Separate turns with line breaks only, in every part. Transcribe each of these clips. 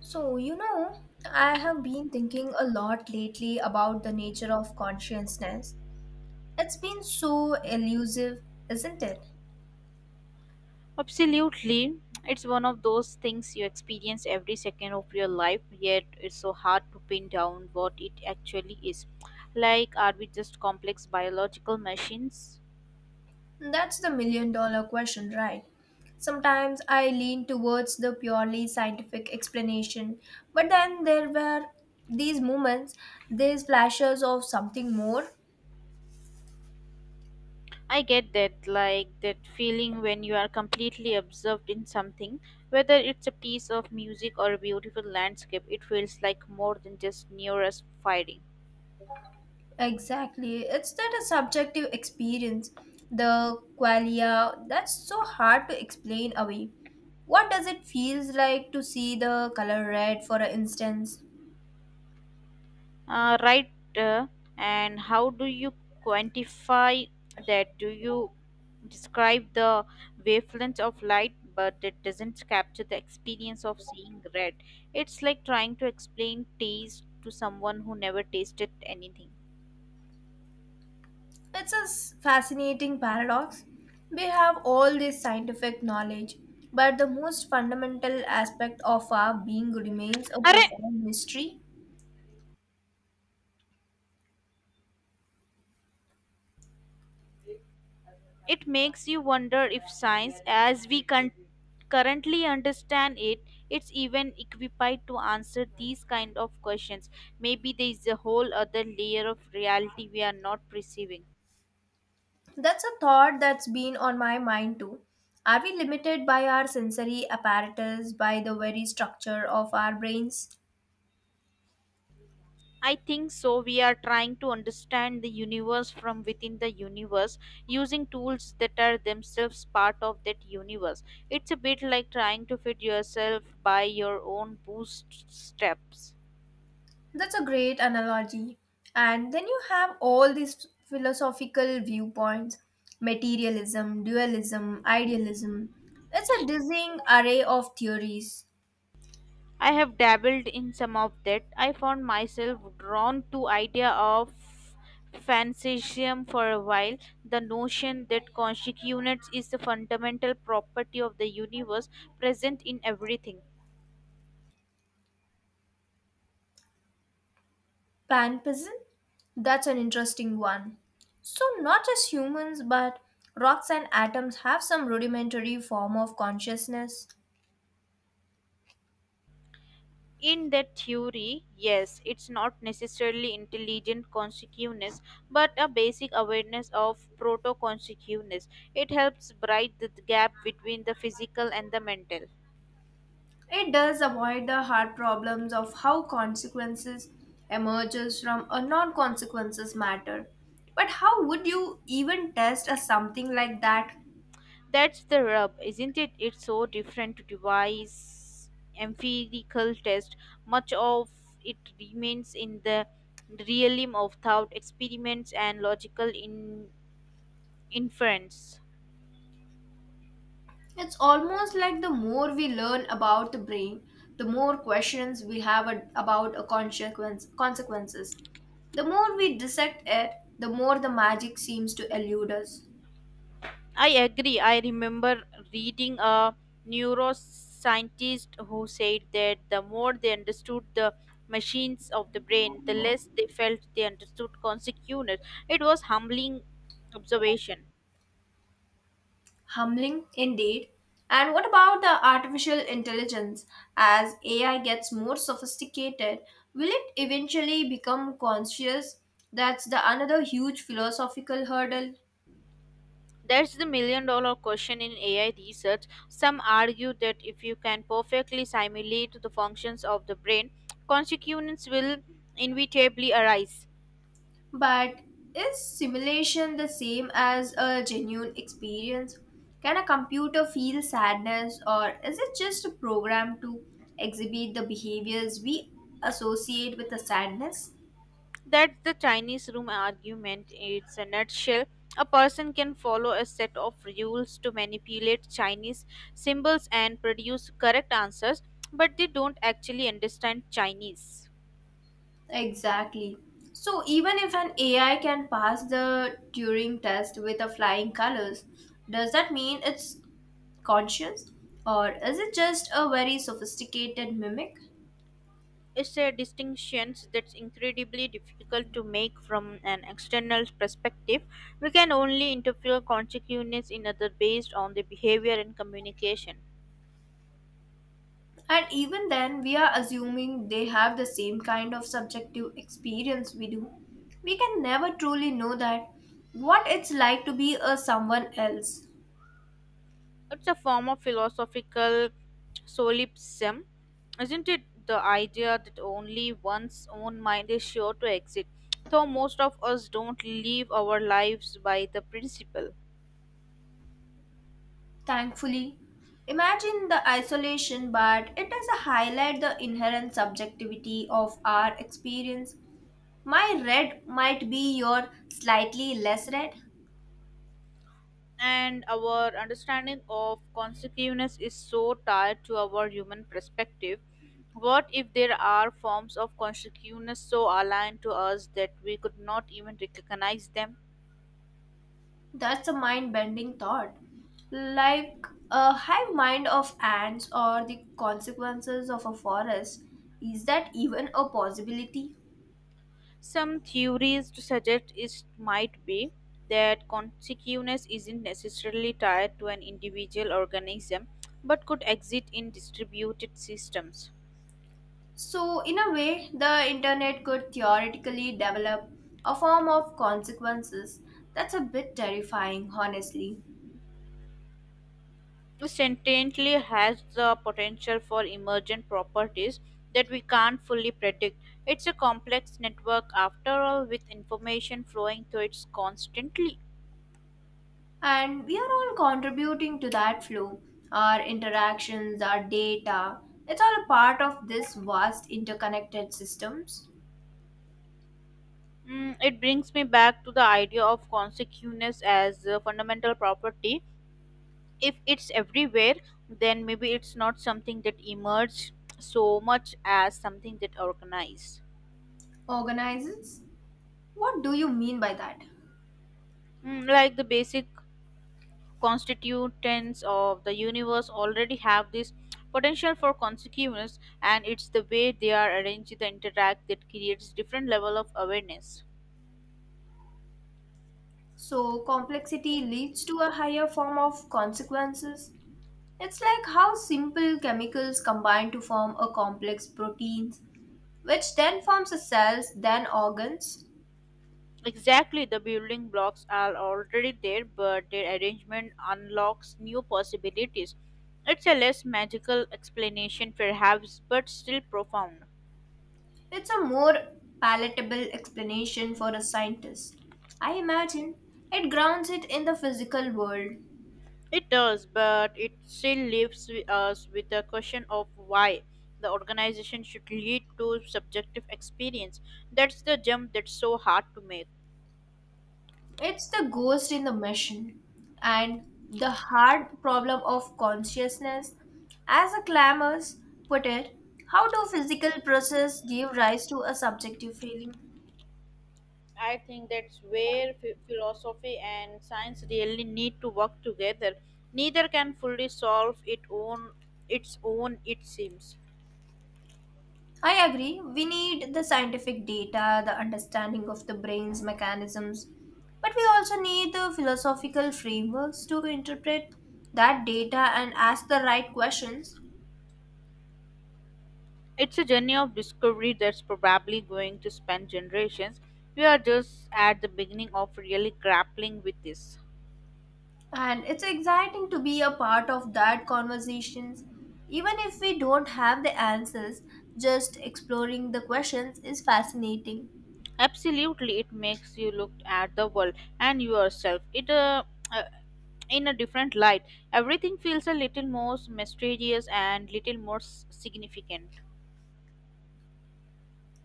So, I have been thinking a lot lately about the nature of consciousness. It's been so elusive, isn't it?
Absolutely. It's one of those things you experience every second of your life, yet it's so hard to pin down what it actually is. Like, are we just complex biological machines?
That's the million-dollar question, right? Sometimes I lean towards the purely scientific explanation, but then there were these moments, these flashes of something more.
I get that, like that feeling when you are completely absorbed in something, whether it's a piece of music or a beautiful landscape, it feels like more than just neurons firing.
Exactly. It's that a subjective experience, the qualia, that's so hard to explain away. What does it feels like to see the color red, for instance?
Right. uh, and how do you quantify that? Do you describe the wavelength of light, but it doesn't capture the experience of seeing red? It's like trying to explain taste to someone who never tasted anything.
It's a fascinating paradox. We have all this scientific knowledge, but the most fundamental aspect of our being remains a
Arre,
profound mystery.
it makes you wonder if science, currently understand it, it's even equipped to answer these kind of questions. Maybe there is a whole other layer of reality we are not perceiving.
That's a thought that's been on my mind too. Are we limited by our sensory apparatus, by the very structure of our brains?
I think so. We are trying to understand the universe from within the universe using tools that are themselves part of that universe. It's a bit like trying to fit yourself by your own bootstraps.
That's a great analogy. And then you have all these philosophical viewpoints materialism, dualism, idealism. It's a dizzying array of theories.
I have dabbled in some of that. I found myself drawn to idea of fantasism for a while. The notion that consciousness is the fundamental property of the universe, present in everything.
Panpism? That's an interesting one. So, not just humans, but rocks and atoms have some rudimentary form of consciousness.
In that theory, yes, it's not necessarily intelligent consciousness, but a basic awareness of proto consciousness. It helps bridge the gap between the physical and the mental.
It does avoid the hard problems of how consequences emerges from a non-consequences matter. But how would you even test a something like that?
That's the rub, isn't it? It's so different to devise empirical test. Much of it remains in the realm of thought experiments and logical inference.
It's almost like the more we learn about the brain, the more questions we have about a consequence consequences. The more we dissect it, the more the magic seems to elude us.
I agree. I remember reading a neuroscientist who said that the more they understood the machines of the brain, the less they felt they understood consequences. It was humbling observation.
Humbling indeed. And what about the artificial intelligence? As AI gets more sophisticated, will it eventually become conscious? That's the another huge philosophical hurdle.
That's the million dollar question in AI research. Some argue that if you can perfectly simulate the functions of the brain, consequences will inevitably arise.
But is simulation the same as a genuine experience? Can a computer feel sadness or is it just a program to exhibit the behaviors we associate with the sadness?
That's the Chinese room argument. It's a nutshell. A person can follow a set of rules to manipulate Chinese symbols and produce correct answers, but they don't actually understand Chinese.
Exactly. So even if an AI can pass the Turing test with a flying colors, does that mean it's conscious or is it just a very sophisticated mimic?
It's a distinction that's incredibly difficult to make from an external perspective. We can only interfere consequences in other based on their behavior and communication.
And even then, we are assuming they have the same kind of subjective experience we do. We can never truly know that what it's like to be a someone else.
It's a form of philosophical solipsism, isn't it, the idea that only one's own mind is sure to exist? Though most of us don't live our lives by the principle.
Thankfully, imagine the isolation, but it does highlight the inherent subjectivity of our experience. My red might be your slightly less red.
And our understanding of consciousness is so tied to our human perspective. What if there are forms of consciousness so aligned to us that we could not even recognize them?
That's a mind bending thought. Like a hive mind of ants or the consequences of a forest, is that even a possibility?
Some theories to suggest it might be, that consciousness isn't necessarily tied to an individual organism, but could exist in distributed systems.
So, in a way, the internet could theoretically develop a form of consequences. That's a bit terrifying, honestly.
Sentiently has the potential for emergent properties that we can't fully predict. It's a complex network after all, with information flowing through it constantly.
And we are all contributing to that flow. Our interactions, our data, it's all a part of this vast interconnected systems.
Mm, it brings me back to the idea of consciousness as a fundamental property. If it's everywhere, then maybe it's not something that emerged so much as something that organized.
Organizes? What do you mean by that?
Mm, like the basic constituents of the universe already have this potential for consequence, and it's the way they are arranged the interact that creates different level of awareness.
So, complexity leads to a higher form of consequences. It's like how simple chemicals combine to form a complex proteins, which then forms a cells, then organs.
Exactly, the building blocks are already there but their arrangement unlocks new possibilities. It's a less magical explanation perhaps but still profound.
It's a more palatable explanation for a scientist. I imagine it grounds it in the physical world.
It does, but it still leaves us with the question of why the organization should lead to subjective experience. That's the jump that's so hard to make.
It's the ghost in the machine and the hard problem of consciousness. As a clamors put it, how do physical process give rise to a subjective feeling?
I think that's where philosophy and science really need to work together. Neither can fully solve it own its own it seems.
I agree. We need the scientific data, the understanding of the brain's mechanisms, but we also need the philosophical frameworks to interpret that data and ask the right questions.
It's a journey of discovery that's probably going to span generations. We are just at the beginning of really grappling with this.
And it's exciting to be a part of that conversations. Even if we don't have the answers, just exploring the questions is fascinating.
Absolutely, it makes you look at the world and yourself. It uh, in a different light. Everything feels a little more mysterious and little more significant.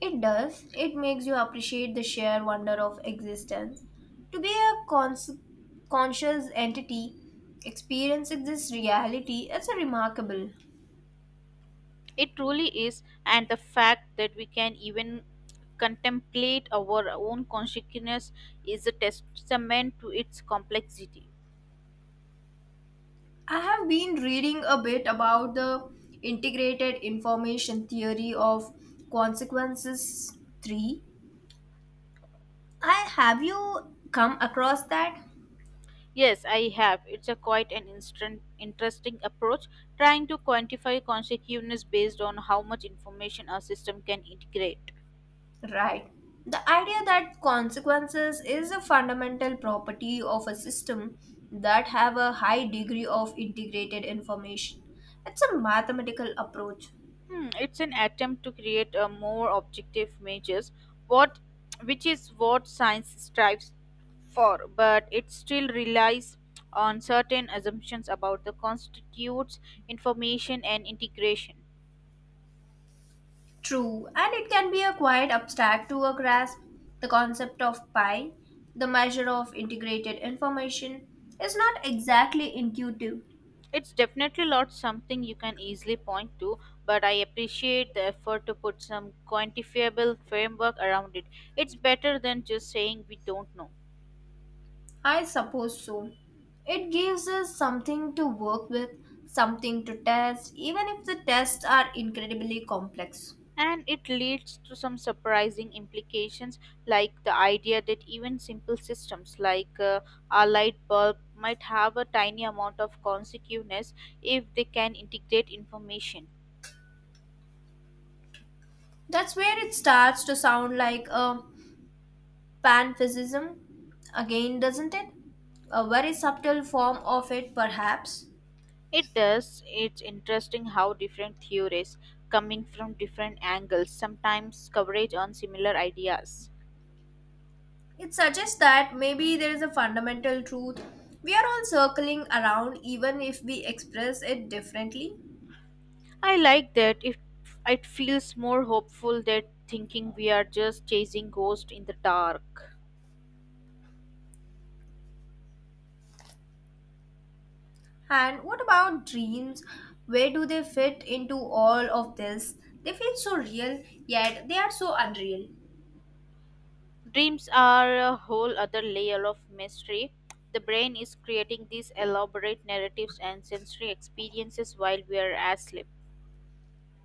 It does. It makes you appreciate the sheer wonder of existence. To be a conscious entity, experiencing this reality, it's a remarkable.
It truly is, and the fact that we can even contemplate our own consciousness is a testament to its complexity.
I have been reading a bit about the integrated information theory of consequences 3. I have you come across that?
Yes, I have. It's a quite an instant, interesting approach, trying to quantify consciousness based on how much information a system can integrate.
Right. The idea that consequences is a fundamental property of a system that have a high degree of integrated information. It's a mathematical approach.
Hmm, it's an attempt to create a more objective measures, what which is what science strives for, but it still relies on certain assumptions about the constitutes, information and integration.
True, and it can be a quite abstract to a grasp. The concept of pi, the measure of integrated information, is not exactly intuitive.
It's definitely not something you can easily point to, but I appreciate the effort to put some quantifiable framework around it. It's better than just saying we don't know.
I suppose so. It gives us something to work with, something to test, even if the tests are incredibly complex.
And it leads to some surprising implications, like the idea that even simple systems like a light bulb might have a tiny amount of consciousness if they can integrate information.
That's where it starts to sound like a panphysicism again, doesn't it? A very subtle form of it, perhaps.
It does, it's interesting how different theories coming from different angles sometimes coverage on similar ideas.
It suggests that maybe there is a fundamental truth we are all circling around, even if we express it differently.
I like that it feels more hopeful that thinking we are just chasing ghosts in the dark.
And what about dreams? Where do they fit into all of this? They feel so real, yet they are so unreal.
Dreams are a whole other layer of mystery. The brain is creating these elaborate narratives and sensory experiences while we are asleep.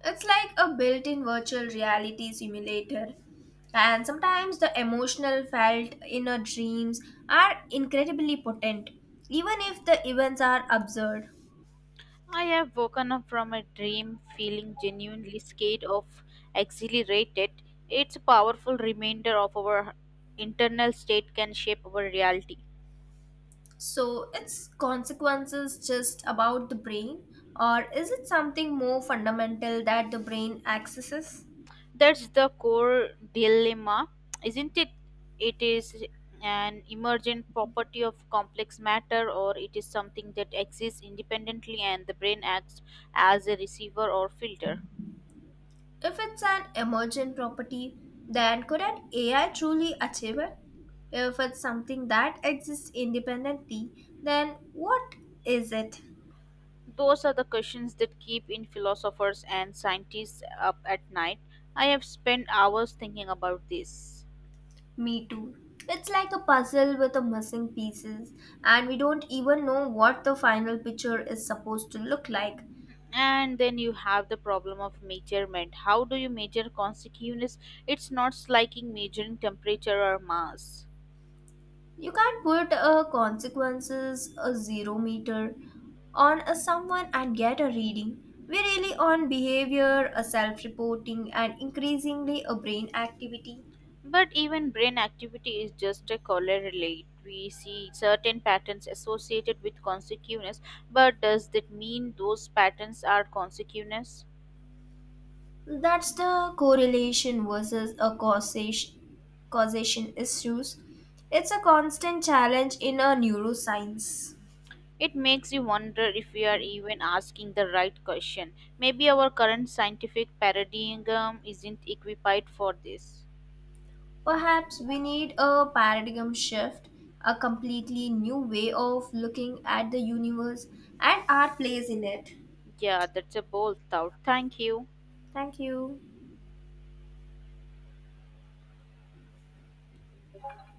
It's like a built in virtual reality simulator. And sometimes the emotional felt in our dreams are incredibly potent, even if the events are absurd.
I have woken up from a dream feeling genuinely scared of exhilarated. It's a powerful reminder of our internal state can shape our reality.
So, its consequences just about the brain, or is it something more fundamental that the brain accesses?
That's the core dilemma, isn't it? It is an emergent property of complex matter, or it is something that exists independently and the brain acts as a receiver or filter.
If it's an emergent property, then could an AI truly achieve it? If it's something that exists independently, then what is it?
Those are the questions that keep in philosophers and scientists up at night. I have spent hours thinking about this.
Me too. It's like a puzzle with the missing pieces, and we don't even know what the final picture is supposed to look like.
And then you have the problem of measurement. How do you measure consequences? It's not like measuring temperature or mass.
You can't put a consequences, a zero meter, on a someone and get a reading. We really on behavior, a self-reporting, and increasingly a brain activity.
But even brain activity is just a correlate. We see certain patterns associated with consciousness, but does that mean those patterns are consciousness?
That's the correlation versus a causation issues. It's a constant challenge in a neuroscience.
It makes you wonder if we are even asking the right question. Maybe our current scientific paradigm isn't equipped for this.
Perhaps we need a paradigm shift, a completely new way of looking at the universe and our place in it.
Yeah, that's a bold thought. Thank you.
Thank you.